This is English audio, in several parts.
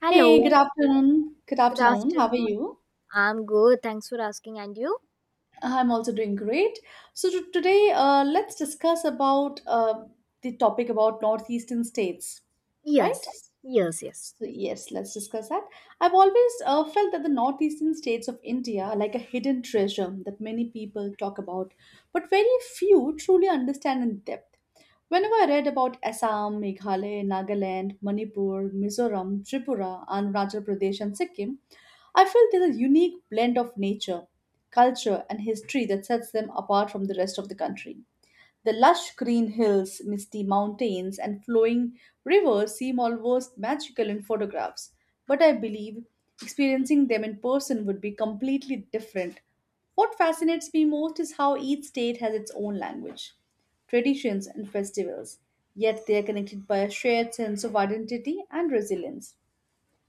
Hello, Hey, good afternoon. Good good afternoon. How are afternoon. you? I'm good. Thanks for asking. And you? I'm also doing great. So today, let's discuss about the topic about northeastern states, right? Yes, yes. So yes, let's discuss that. I've always felt that the northeastern states of India are like a hidden treasure that many people talk about, but very few truly understand in depth. Whenever I read about Assam, Meghalaya, Nagaland, Manipur, Mizoram, Tripura, and Arunachal Pradesh and Sikkim, I feel there's a unique blend of nature, culture, and history that sets them apart from the rest of the country. The lush green hills, misty mountains, and flowing rivers seem almost magical in photographs, but I believe experiencing them in person would be completely different. What fascinates me most is how each state has its own language, traditions, and festivals, yet they are connected by a shared sense of identity and resilience.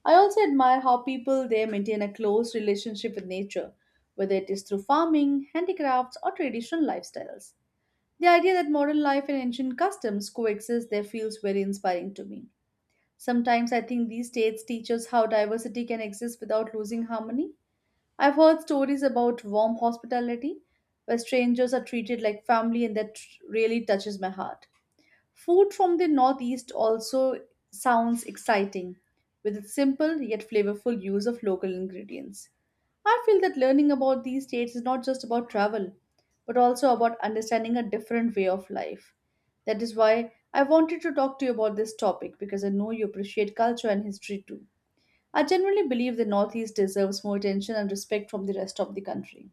I also admire how people there maintain a close relationship with nature, whether it is through farming, handicrafts, or traditional lifestyles. The idea that modern life and ancient customs coexist there feels very inspiring to me. Sometimes I think these states teach us how diversity can exist without losing harmony. I've heard stories about warm hospitality where strangers are treated like family, and that really touches my heart. Food from the Northeast also sounds exciting, with its simple yet flavorful use of local ingredients. I feel that learning about these states is not just about travel, but also about understanding a different way of life. That is why I wanted to talk to you about this topic because I know you appreciate culture and history too. I generally believe the Northeast deserves more attention and respect from the rest of the country.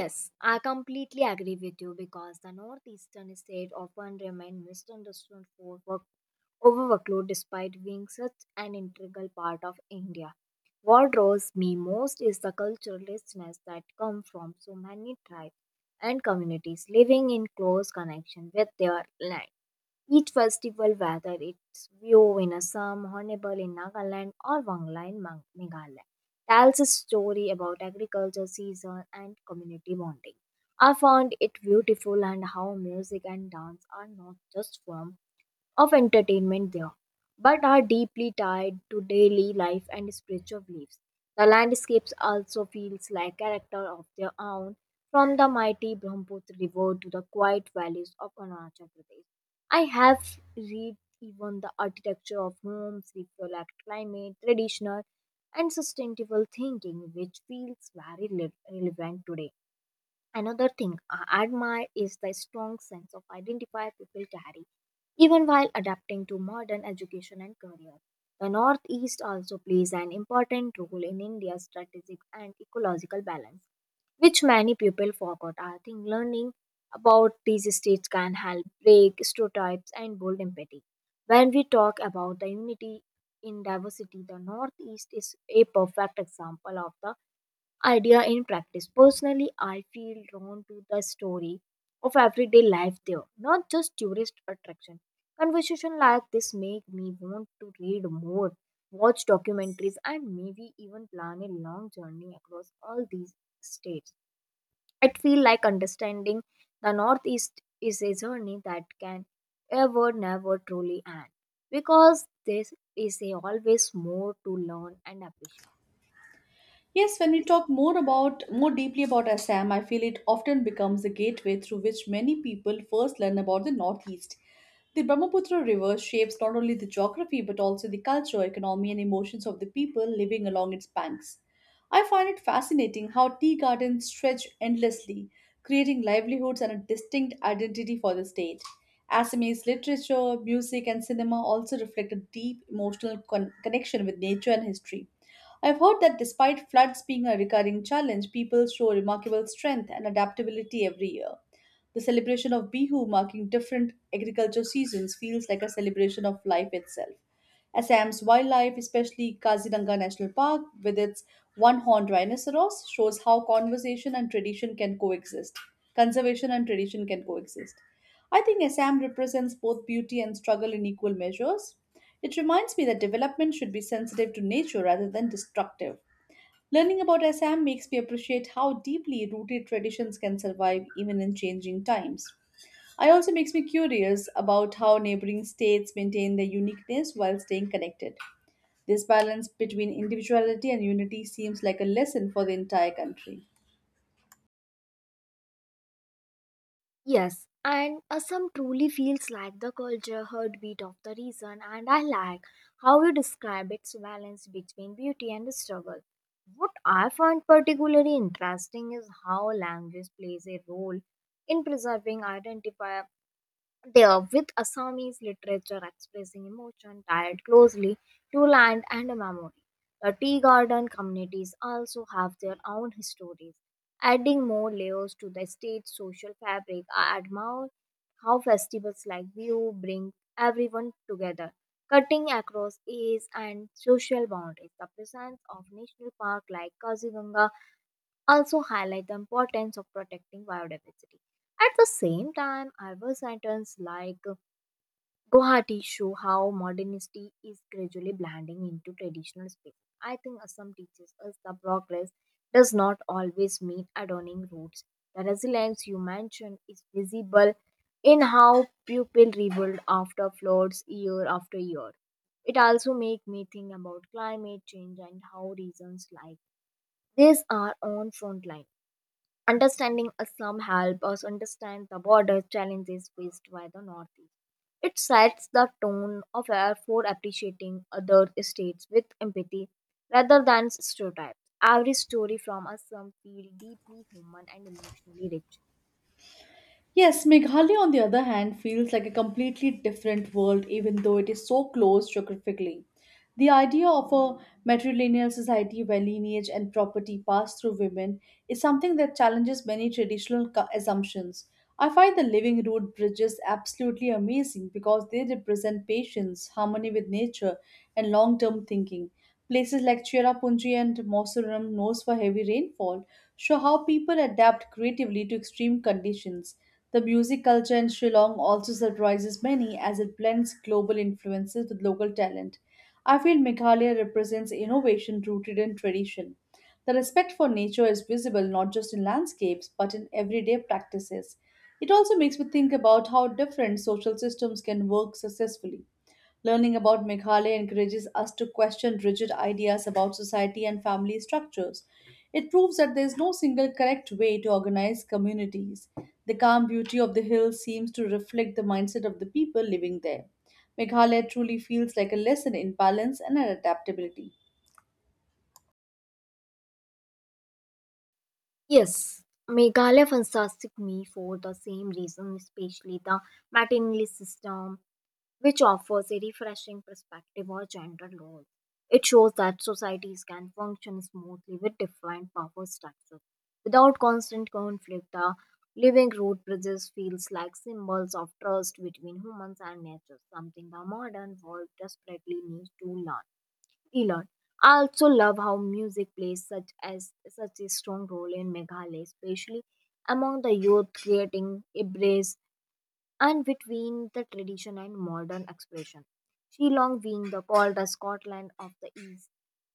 Yes, I completely agree with you because the northeastern state often remain misunderstood for work overworkload despite being such an integral part of India. What draws me most is the cultural richness that come from so many tribes and communities living in close connection with their land. Each festival, whether it's Vio in Assam, Hornbill in Nagaland, or Wangla in Meghalaya, tells a story about agriculture, season, and community bonding. I found it beautiful and how music and dance are not just forms of entertainment there, but are deeply tied to daily life and spiritual beliefs. The landscapes also feels like character of their own, from the mighty Brahmaputra river to the quiet valleys of Arunachal Pradesh. I have read even the architecture of homes reflect climate, traditional and sustainable thinking, which feels very relevant today. Another thing I admire is the strong sense of identify people carry, even while adapting to modern education and career. The Northeast also plays an important role in India's strategic and ecological balance, which many people forgot. I think learning about these states can help break stereotypes and build empathy. When we talk about the unity in diversity, the Northeast is a perfect example of the idea in practice. Personally, I feel drawn to the story of everyday life there, not just tourist attraction. Conversation like this make me want to read more, watch documentaries, and maybe even plan a long journey across all these states. I feel like understanding the Northeast is a journey that can ever never truly end because there is a always more to learn and appreciate. Yes, when we talk more about more deeply about Assam, I feel it often becomes the gateway through which many people first learn about the Northeast. The Brahmaputra River shapes not only the geography but also the culture, economy, and emotions of the people living along its banks. I find it fascinating how tea gardens stretch endlessly, creating livelihoods and a distinct identity for the state. Assamese literature, music, and cinema also reflect a deep emotional connection with nature and history. I've heard that despite floods being a recurring challenge, people show remarkable strength and adaptability every year. The celebration of Bihu marking different agriculture seasons feels like a celebration of life itself. Assam's wildlife, especially Kaziranga National Park with its one-horned rhinoceros, shows how conservation and tradition can coexist. Conservation and tradition can coexist. I think Assam represents both beauty and struggle in equal measures. It reminds me that development should be sensitive to nature rather than destructive. Learning about Assam makes me appreciate how deeply rooted traditions can survive even in changing times. It also makes me curious about how neighboring states maintain their uniqueness while staying connected. This balance between individuality and unity seems like a lesson for the entire country. Yes, and Assam truly feels like the culture heartbeat of the region, and I like how you describe its balance between beauty and struggle. What I find particularly interesting is how language plays a role in preserving identity they are with Assamese literature expressing emotion tied closely to land and memory. The tea garden communities also have their own histories, adding more layers to the state's social fabric. I admire how festivals like Bihu bring everyone together, cutting across age and social boundaries. The presence of national parks like Kaziganga also highlight the importance of protecting biodiversity. At the same time, I was sentenced like Guwahati show how modernity is gradually blending into traditional space. I think Assam teaches us that progress does not always mean adorning roads. The resilience you mentioned is visible in how people rebuild after floods year after year. It also makes me think about climate change and how reasons like this are on front line. Understanding Assam helps us understand the border challenges faced by the Northeast. It sets the tone of air for appreciating other states with empathy rather than stereotypes. Every story from Assam feels deeply human and emotionally rich. Yes, Meghalaya, on the other hand, feels like a completely different world even though it is so close geographically. The idea of a matrilineal society where lineage and property pass through women is something that challenges many traditional assumptions. I find the living root bridges absolutely amazing because they represent patience, harmony with nature, and long term thinking. Places like Cherrapunji and Moseram, knows for heavy rainfall, show how people adapt creatively to extreme conditions. The music culture in Shillong also surprises many as it blends global influences with local talent. I feel Meghalaya represents innovation rooted in tradition. The respect for nature is visible not just in landscapes but in everyday practices. It also makes me think about how different social systems can work successfully. Learning about Meghalaya encourages us to question rigid ideas about society and family structures. It proves that there is no single correct way to organize communities. The calm beauty of the hills seems to reflect the mindset of the people living there. Meghalaya truly feels like a lesson in balance and adaptability. Yes, Meghalaya fantastic me for the same reason, especially the maternity system, which offers a refreshing perspective on gender roles. It shows that societies can function smoothly with different power structures. Without constant conflict, the living root bridges feels like symbols of trust between humans and nature, something the modern world desperately needs to learn. Elon. I also love how music plays such a strong role in Meghalaya, especially among the youth, creating a brace and between the tradition and modern expression. Shillong being the called the Scotland of the East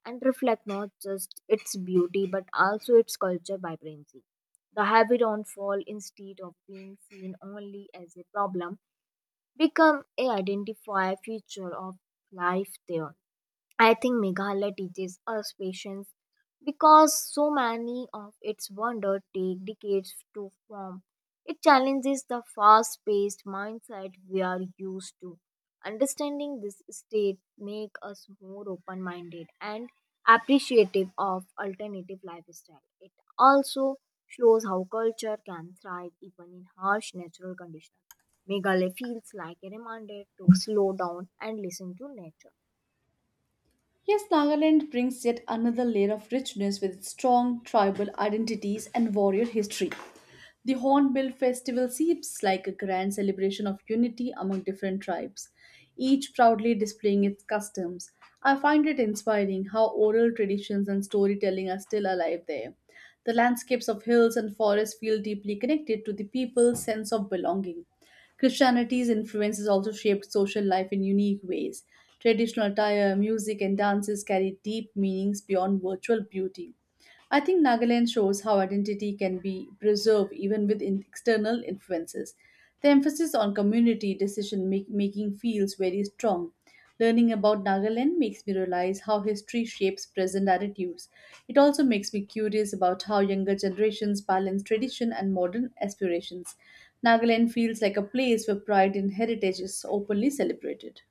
and reflect not just its beauty but also its culture vibrancy. The heavy rainfall instead of being seen only as a problem become a identifier feature of life there. I think Meghalaya teaches us patience because so many of its wonders take decades to form. It challenges the fast paced mindset we are used to. Understanding this state makes us more open minded and appreciative of alternative lifestyle. It also shows how culture can thrive even in harsh natural conditions. Meghalaya feels like a reminder to slow down and listen to nature. Yes, Nagaland brings yet another layer of richness with its strong tribal identities and warrior history. The Hornbill Festival seems like a grand celebration of unity among different tribes, each proudly displaying its customs. I find it inspiring how oral traditions and storytelling are still alive there. The landscapes of hills and forests feel deeply connected to the people's sense of belonging. Christianity's influence has also shaped social life in unique ways. Traditional attire, music, and dances carry deep meanings beyond virtual beauty. I think Nagaland shows how identity can be preserved even with external influences. The emphasis on community making feels very strong. Learning about Nagaland makes me realize how history shapes present attitudes. It also makes me curious about how younger generations balance tradition and modern aspirations. Nagaland feels like a place where pride and heritage is openly celebrated.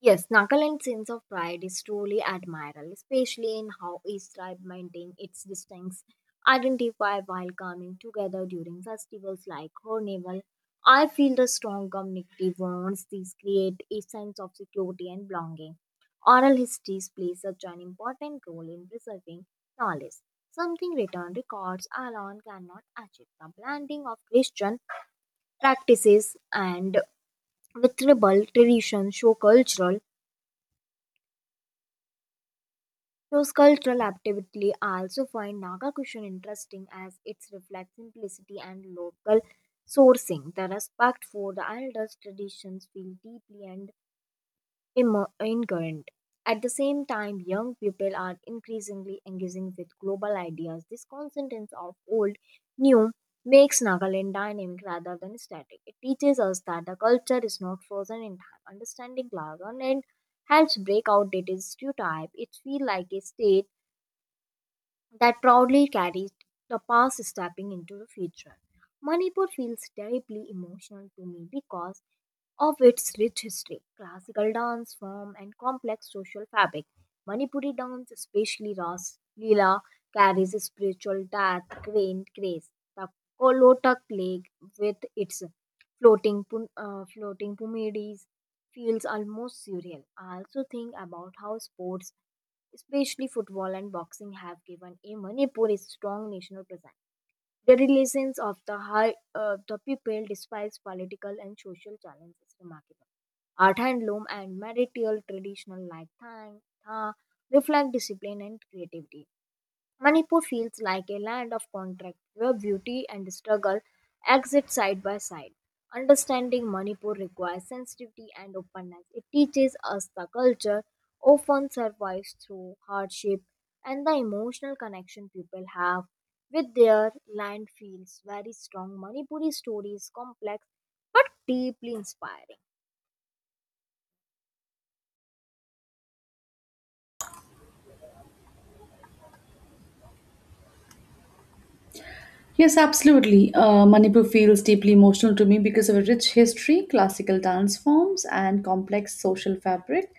Yes, Nagaland's sense of pride is truly admirable, especially in how each tribe maintains its distinct identify while coming together during festivals like Hornival. I feel the strong community bonds these create a sense of security and belonging. Oral histories play such an important role in preserving knowledge, something written records alone cannot achieve. The blending of Christian practices and with tribal tradition shows cultural activity. I also find Naga cushion interesting as it reflects simplicity and local sourcing. The respect for the elders' traditions feel deeply and incurrent. At the same time, young people are increasingly engaging with global ideas. This coincidence of old, new makes Nagaland dynamic rather than static. It teaches us that the culture is not frozen in time. Understanding Nagaland helps break out its stereotype. It feels like a stage that proudly carries the past stepping into the future. Manipur feels deeply emotional to me because of its rich history, classical dance form, and complex social fabric. Manipuri dance, especially Ras Leela, carries a spiritual death quaint grace. The Kolotak lake, with its floating pyramids, feels almost surreal. I also think about how sports, especially football and boxing, have given a Manipur a strong national presence. The relations of the high the people despite political and social challenges is remarkable. Art handloom and marital traditional like Thang, Tha reflect discipline and creativity. Manipur feels like a land of contrast, where beauty and struggle exist side by side. Understanding Manipur requires sensitivity and openness. It teaches us the culture often survives through hardship and the emotional connection people have with their land feels very strong. Manipuri story is complex but deeply inspiring. Yes, absolutely. Manipur feels deeply emotional to me because of a rich history, classical dance forms, and complex social fabric.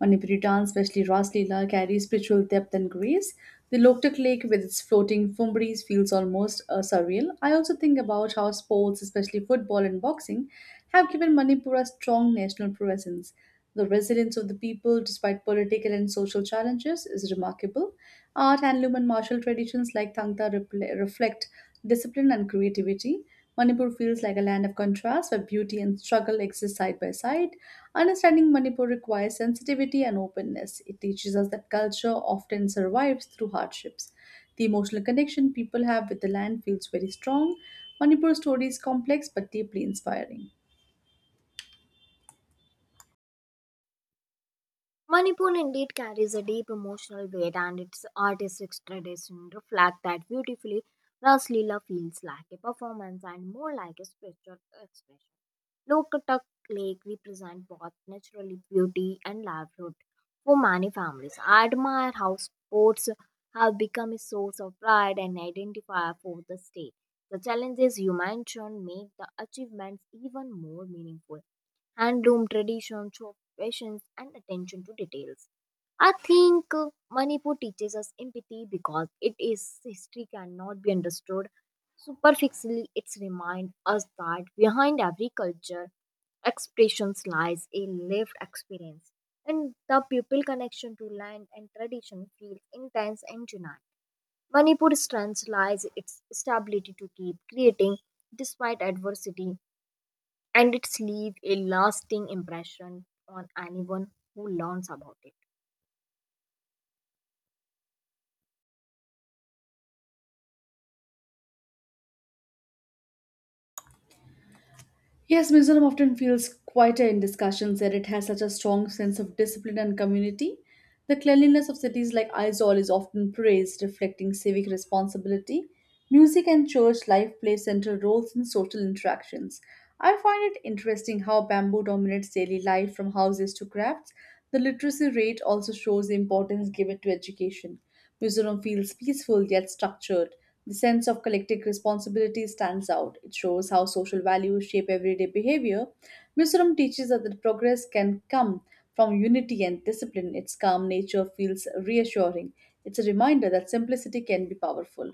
Manipuri dance, especially Ras Leela, carries spiritual depth and grace. The Loktak Lake with its floating fumbaris feels almost surreal. I also think about how sports, especially football and boxing, have given Manipur a strong national presence. The resilience of the people, despite political and social challenges, is remarkable. Art, handloom, and martial traditions like Tangta reflect discipline and creativity. Manipur feels like a land of contrast where beauty and struggle exist side by side. Understanding Manipur requires sensitivity and openness. It teaches us that culture often survives through hardships. The emotional connection people have with the land feels very strong. Manipur story is complex but deeply inspiring. Manipur indeed carries a deep emotional weight, and its artistic tradition reflect that beautifully. Ras Leela feels like a performance and more like a spiritual expression. Lokatak Lake represents both naturally beauty and livelihood for many families. I admire how sports have become a source of pride and identifier for the state. The challenges you mentioned make the achievements even more meaningful handloom traditions show patience and attention to details. I think Manipur teaches us empathy because it is history cannot be understood superficially. It's remind us that behind every culture expressions lies a lived experience, and the pupil connection to land and tradition feels intense and genuine. Manipur's strength lies its stability to keep creating despite adversity and it's leave a lasting impression on anyone who learns about it. Yes, Mizoram often feels quieter in discussions that it has such a strong sense of discipline and community. The cleanliness of cities like Aizawl is often praised, reflecting civic responsibility. Music and church life play central roles in social interactions. I find it interesting how bamboo dominates daily life from houses to crafts. The literacy rate also shows the importance given to education. Mizoram feels peaceful yet structured. The sense of collective responsibility stands out. It shows how social values shape everyday behavior. Mizoram teaches us that progress can come from unity and discipline. Its calm nature feels reassuring. It's a reminder that simplicity can be powerful.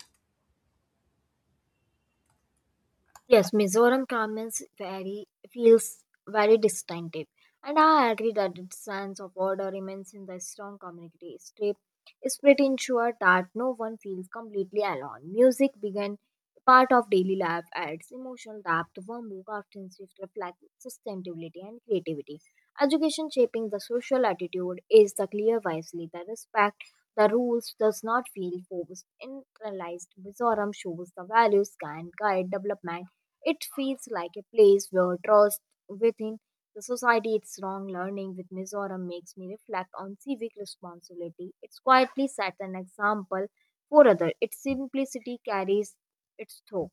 Yes, Mizoram garments very feels very distinctive, and I agree that its sense of order remains in the strong community strip is pretty ensure that no one feels completely alone. Music began part of daily life adds emotional depth, warmth, often shift reflect sustainability and creativity. Education shaping the social attitude is the clear wisely that respect the rules does not feel forced. Internalized Mizoram shows the values can guide development it feels like a place where trust within the society its wrong learning with Mizoram makes me reflect on civic responsibility. It's quietly set an example for others. Its simplicity carries its thought.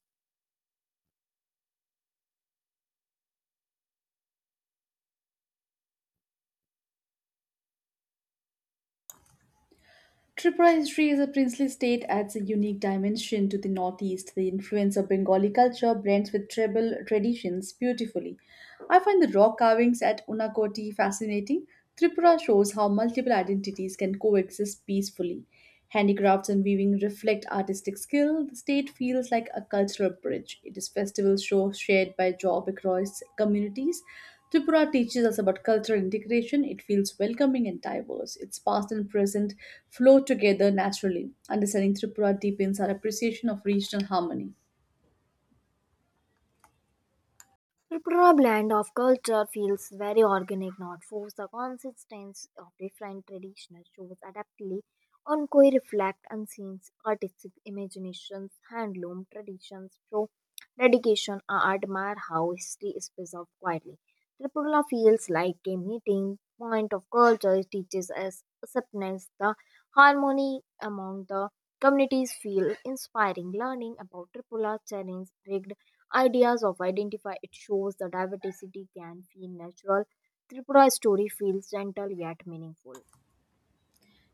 Tripura history as a princely state adds a unique dimension to the Northeast. The influence of Bengali culture blends with tribal traditions beautifully. I find the rock carvings at Unakoti fascinating. Tripura shows how multiple identities can coexist peacefully. Handicrafts and weaving reflect artistic skill. The state feels like a cultural bridge. It is festival show shared by job across communities. Tripura teaches us about cultural integration. It feels welcoming and diverse. Its past and present flow together naturally. Understanding Tripura deepens our appreciation of regional harmony. Tripura Blend of culture feels very organic, not forced. The consistency of different traditional shows adaptly on koi reflect unseen artistic imaginations, handloom traditions show dedication. I admire how history is preserved quietly. Tripura feels like a meeting point of culture. It teaches us acceptance, the harmony among the communities feel inspiring. Learning about Tripura challenge ideas of identify it shows the diversity can feel natural. Tripura's story feels gentle yet meaningful.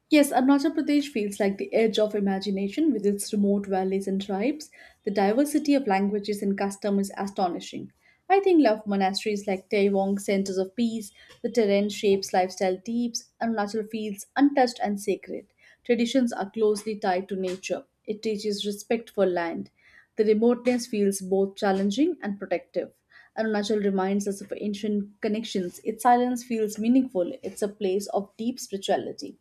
Yes, Arunachal Pradesh feels like the edge of imagination with its remote valleys and tribes. The diversity of languages and custom is astonishing. I think love monasteries like Taewong, centers of peace, the terrain shapes lifestyle deeps. Arunachal feels untouched and sacred. Traditions are closely tied to nature. It teaches respect for land. The remoteness feels both challenging and protective. Arunachal reminds us of ancient connections. Its silence feels meaningful. It's a place of deep spirituality.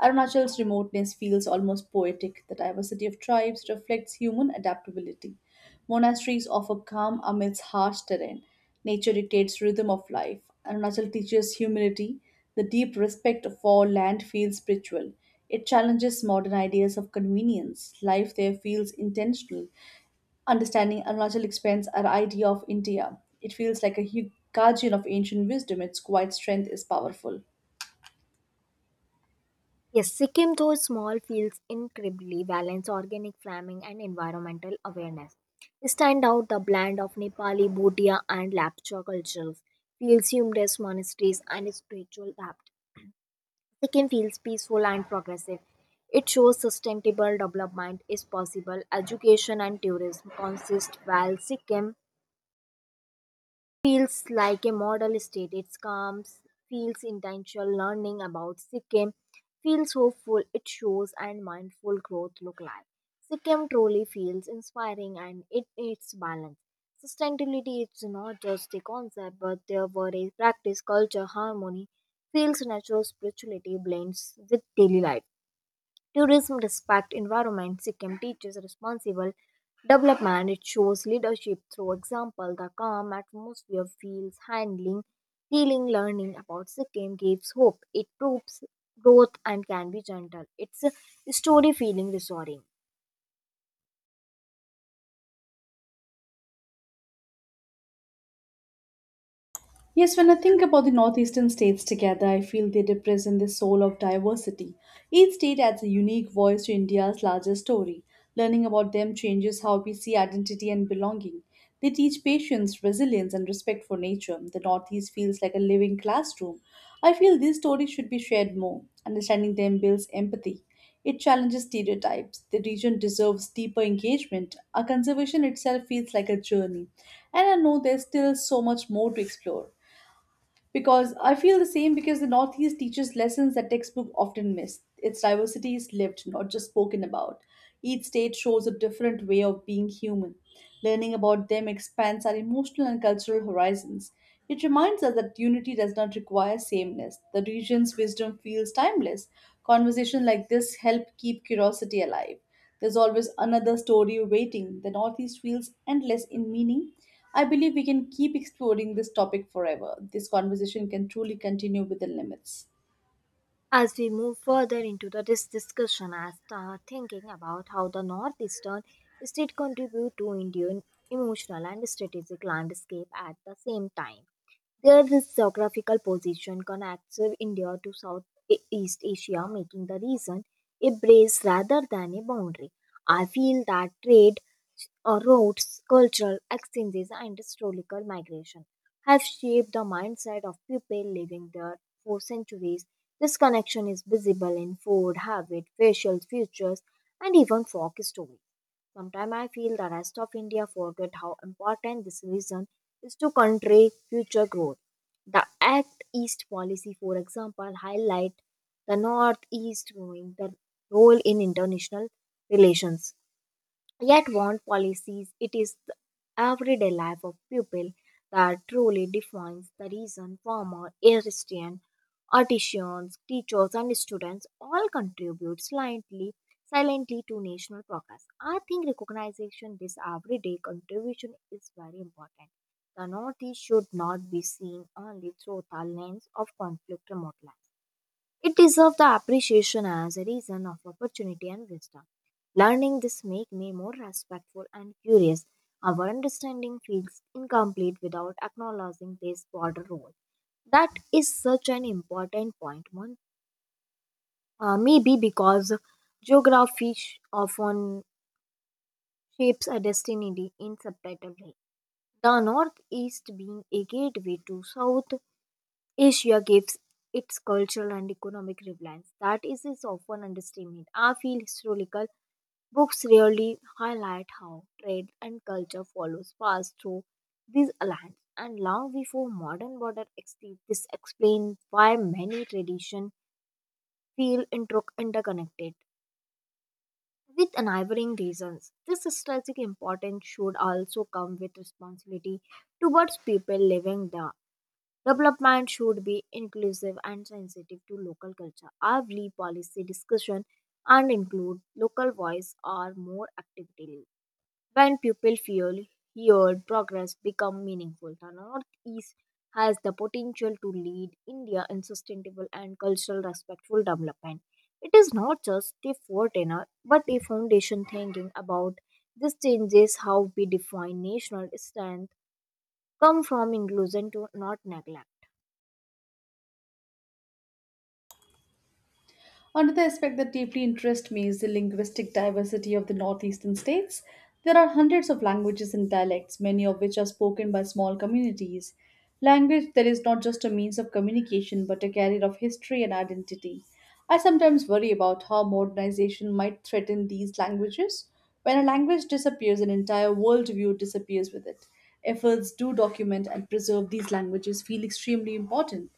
Arunachal's remoteness feels almost poetic. The diversity of tribes reflects human adaptability. Monasteries offer calm amidst harsh terrain. Nature dictates rhythm of life. Arunachal teaches humility. The deep respect for land feels spiritual. It challenges modern ideas of convenience. Life there feels intentional. Understanding Arunachal expands our idea of India. It feels like a guardian of ancient wisdom. Its quiet strength is powerful. Yes, Sikkim though small feels incredibly balanced organic farming and environmental awareness stand out the blend of Nepali Bhutia and Lapcha cultures feels humorous monasteries and spiritual depth. Sikkim feels peaceful and progressive. It shows sustainable development is possible education and tourism consist while Sikkim feels like a model state. It comes, feels intentional learning about Sikkim, feels hopeful, it shows, and mindful growth look like. Sikkim truly feels inspiring and it its balance. Sustainability is not just a concept, but there were a practice, culture, harmony, feels natural spirituality blends with daily life. Tourism respects environment. Sikkim teaches responsible development. It shows leadership through example. The calm atmosphere feels handling, feeling learning about Sikkim gives hope. It proves growth and can be gentle. It's a story feeling restoring. Yes, when I think about the northeastern states together, I feel they represent the soul of diversity. Each state adds a unique voice to India's larger story. Learning about them changes how we see identity and belonging. They teach patience, resilience, and respect for nature. The Northeast feels like a living classroom. I feel these stories should be shared more. Understanding them builds empathy. It challenges stereotypes. The region deserves deeper engagement. Our conservation itself feels like a journey. And I know there's still so much more to explore. Because I feel the same because the Northeast teaches lessons that textbook often miss. Its diversity is lived, not just spoken about. Each state shows a different way of being human. Learning about them expands our emotional and cultural horizons. It reminds us that unity does not require sameness. The region's wisdom feels timeless. Conversations like this help keep curiosity alive. There's always another story waiting. The Northeast feels endless in meaning. I believe we can keep exploring this topic forever. This conversation can truly continue within limits. As we move further into this discussion, I start thinking about how the northeastern state contribute to Indian emotional and strategic landscape at the same time. Their geographical position connects India to Southeast Asia, making the region a brace rather than a boundary. I feel that trade routes, cultural exchanges, and historical migration have shaped the mindset of people living there for centuries. This connection is visible in food, habit, facial features, and even folk stories. Sometimes I feel the rest of India forget how important this vision is to country future growth. The Act East policy, for example, highlight the Northeast growing the role in international relations. Yet, want policies, it is the everyday life of people that truly defines the reason farmer, artisans, teachers, and students all contribute silently to national progress. I think recognition this everyday contribution is very important. The Northeast should not be seen only through the lens of conflict remote land. It deserves the appreciation as a reason of opportunity and wisdom. Learning this make me more respectful and curious. Our understanding feels incomplete without acknowledging this broader role. That is such an important point, Mon. Maybe because geography often shapes a destiny in subtitle way. The Northeast being a gateway to South Asia gives its cultural and economic relevance that is often understatement. I feel historical books rarely highlight how trade and culture follows fast through these lands, and long before modern border exists. This explains why many traditions feel interconnected with neighboring regions. This strategic importance should also come with responsibility towards people living there. Development should be inclusive and sensitive to local culture. Every policy discussion and include local voice or more actively. When people feel heard, progress become meaningful. The Northeast has the potential to lead India in sustainable and cultural respectful development. It is not just a foreigner, but a foundation thinking about this changes how we define national strength come from inclusion to not neglect. Another aspect that deeply interests me is the linguistic diversity of the northeastern states. There are hundreds of languages and dialects, many of which are spoken by small communities. Language that is not just a means of communication but a carrier of history and identity. I sometimes worry about how modernization might threaten these languages. When a language disappears, an entire worldview disappears with it. Efforts to document and preserve these languages feel extremely important.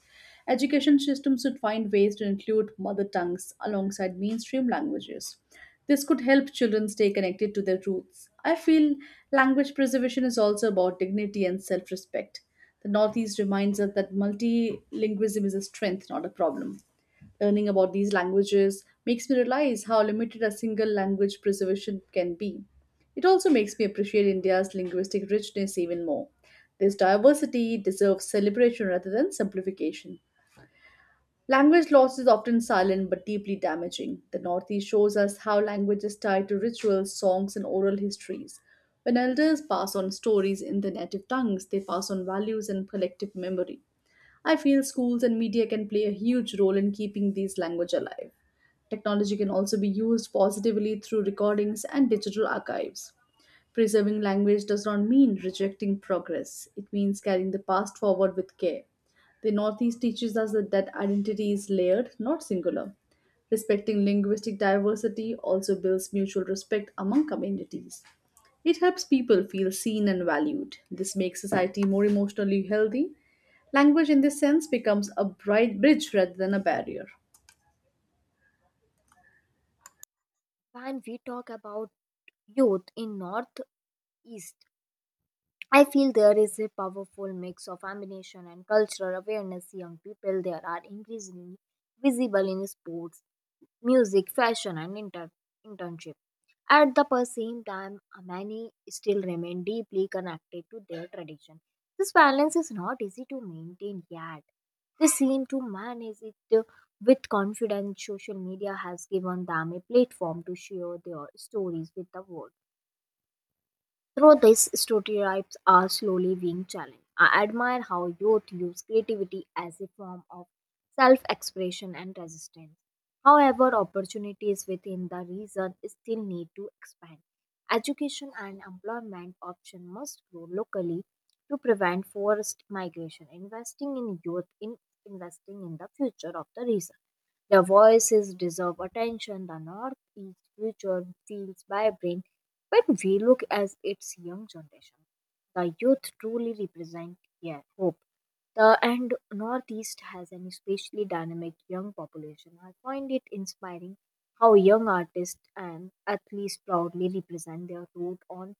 Education systems should find ways to include mother tongues alongside mainstream languages. This could help children stay connected to their roots. I feel language preservation is also about dignity and self respect. The Northeast reminds us that multilingualism is a strength, not a problem. Learning about these languages makes me realize how limited a single language preservation can be. It also makes me appreciate India's linguistic richness even more. This diversity deserves celebration rather than simplification. Language loss is often silent but deeply damaging. The Northeast shows us how language is tied to rituals, songs, and oral histories. When elders pass on stories in their native tongues, they pass on values and collective memory. I feel schools and media can play a huge role in keeping these language alive. Technology can also be used positively through recordings and digital archives. Preserving language does not mean rejecting progress, it means carrying the past forward with care. The Northeast teaches us that identity is layered, not singular. Respecting linguistic diversity also builds mutual respect among communities. It helps people feel seen and valued. This makes society more emotionally healthy. Language, in this sense, becomes a bright bridge rather than a barrier. When we talk about youth in Northeast, I feel there is a powerful mix of ambition and cultural awareness. Young people there are increasingly visible in sports, music, fashion, and internship. At the same time, many still remain deeply connected to their tradition. This balance is not easy to maintain yet. They seem to manage it with confidence. Social media has given them a platform to share their stories with the world. Through these stereotypes are slowly being challenged. I admire how youth use creativity as a form of self expression and resistance. However, opportunities within the region still need to expand. Education and employment options must grow locally to prevent forced migration. Investing in youth in investing in the future of the region. The voices deserve attention. The North East future feels vibrant when we look at its young generation. The youth truly represent, yeah, hope. The and Northeast has an especially dynamic young population. I find it inspiring how young artists and athletes proudly represent their root on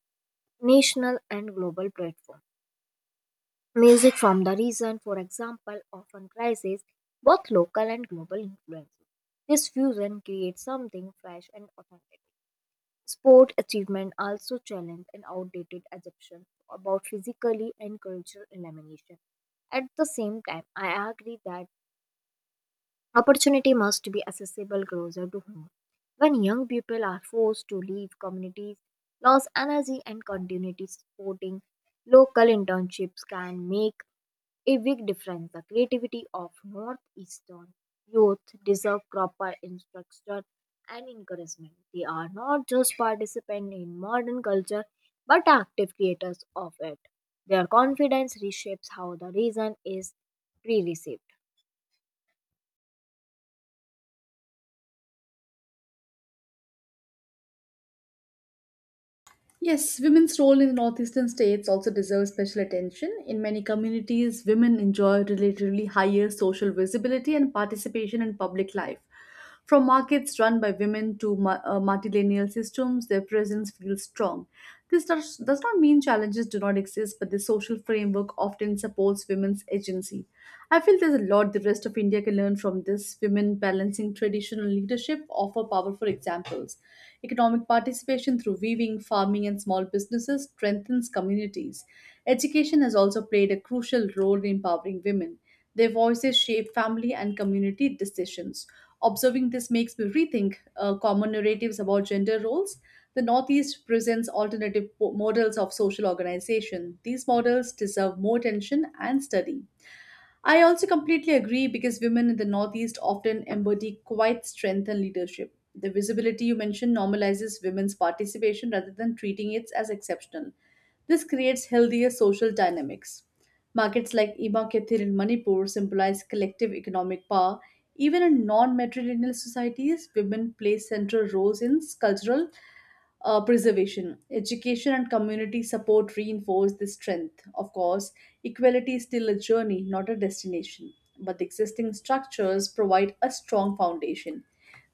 national and global platforms. Music from the region, for example, often prizes both local and global influences. This fusion creates something fresh and authentic. Sport achievement also challenge an outdated assumption about physically and cultural elimination. At the same time, I agree that opportunity must be accessible closer to home. When young people are forced to leave communities, lose energy and continuity supporting local internships can make a big difference the creativity of Northeastern youth deserve proper instruction and encouragement. They are not just participants in modern culture but active creators of it. Their confidence reshapes how the reason is pre received. Yes, women's role in the northeastern states also deserves special attention. In many communities, women enjoy relatively higher social visibility and participation in public life. From markets run by women to multilineal systems, their presence feels strong. This does not mean challenges do not exist, but the social framework often supports women's agency. I feel there's a lot the rest of India can learn from this women balancing traditional institutional leadership offer powerful examples. Economic participation through weaving, farming, and small businesses strengthens communities. Education has also played a crucial role in empowering women. Their voices shape family and community decisions. Observing this makes me rethink common narratives about gender roles. The Northeast presents alternative models of social organization. These models deserve more attention and study. I also completely agree because women in the Northeast often embody quite strength and leadership. The visibility you mentioned normalizes women's participation rather than treating it as exceptional. This creates healthier social dynamics. Markets like Ima Kethir in Manipur symbolize collective economic power. Even in non matrilineal societies, women play central roles in cultural preservation. Education and community support reinforce this strength. Of course, equality is still a journey, not a destination, but the existing structures provide a strong foundation.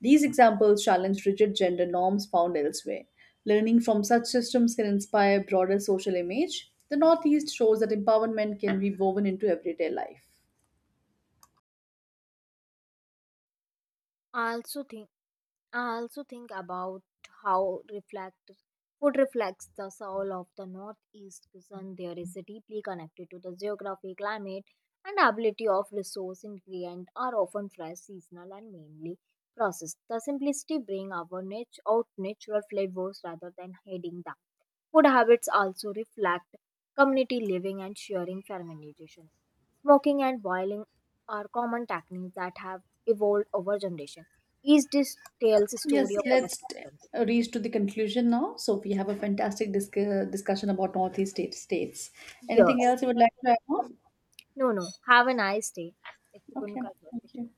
These examples challenge rigid gender norms found elsewhere. Learning from such systems can inspire broader social image. The Northeast shows that empowerment can be woven into everyday life. I also think I also think about how reflect food reflects the soul of the northeast cuisine. There is a deeply connected to the geography, climate, and ability of resource ingredient are often fresh, seasonal, and mainly processed. The simplicity bring our niche out natural flavors rather than hiding them. Food habits also reflect community living and sharing fermentation. Walking and boiling are common techniques that have evolved over generations. Each dish tells a Yes, story of adaptation. reach to the conclusion now. So we have a discussion about Northeast state states. Yes. Anything else you would like to add on? No, no, have a nice day. It's a good Okay, thank conversation. you.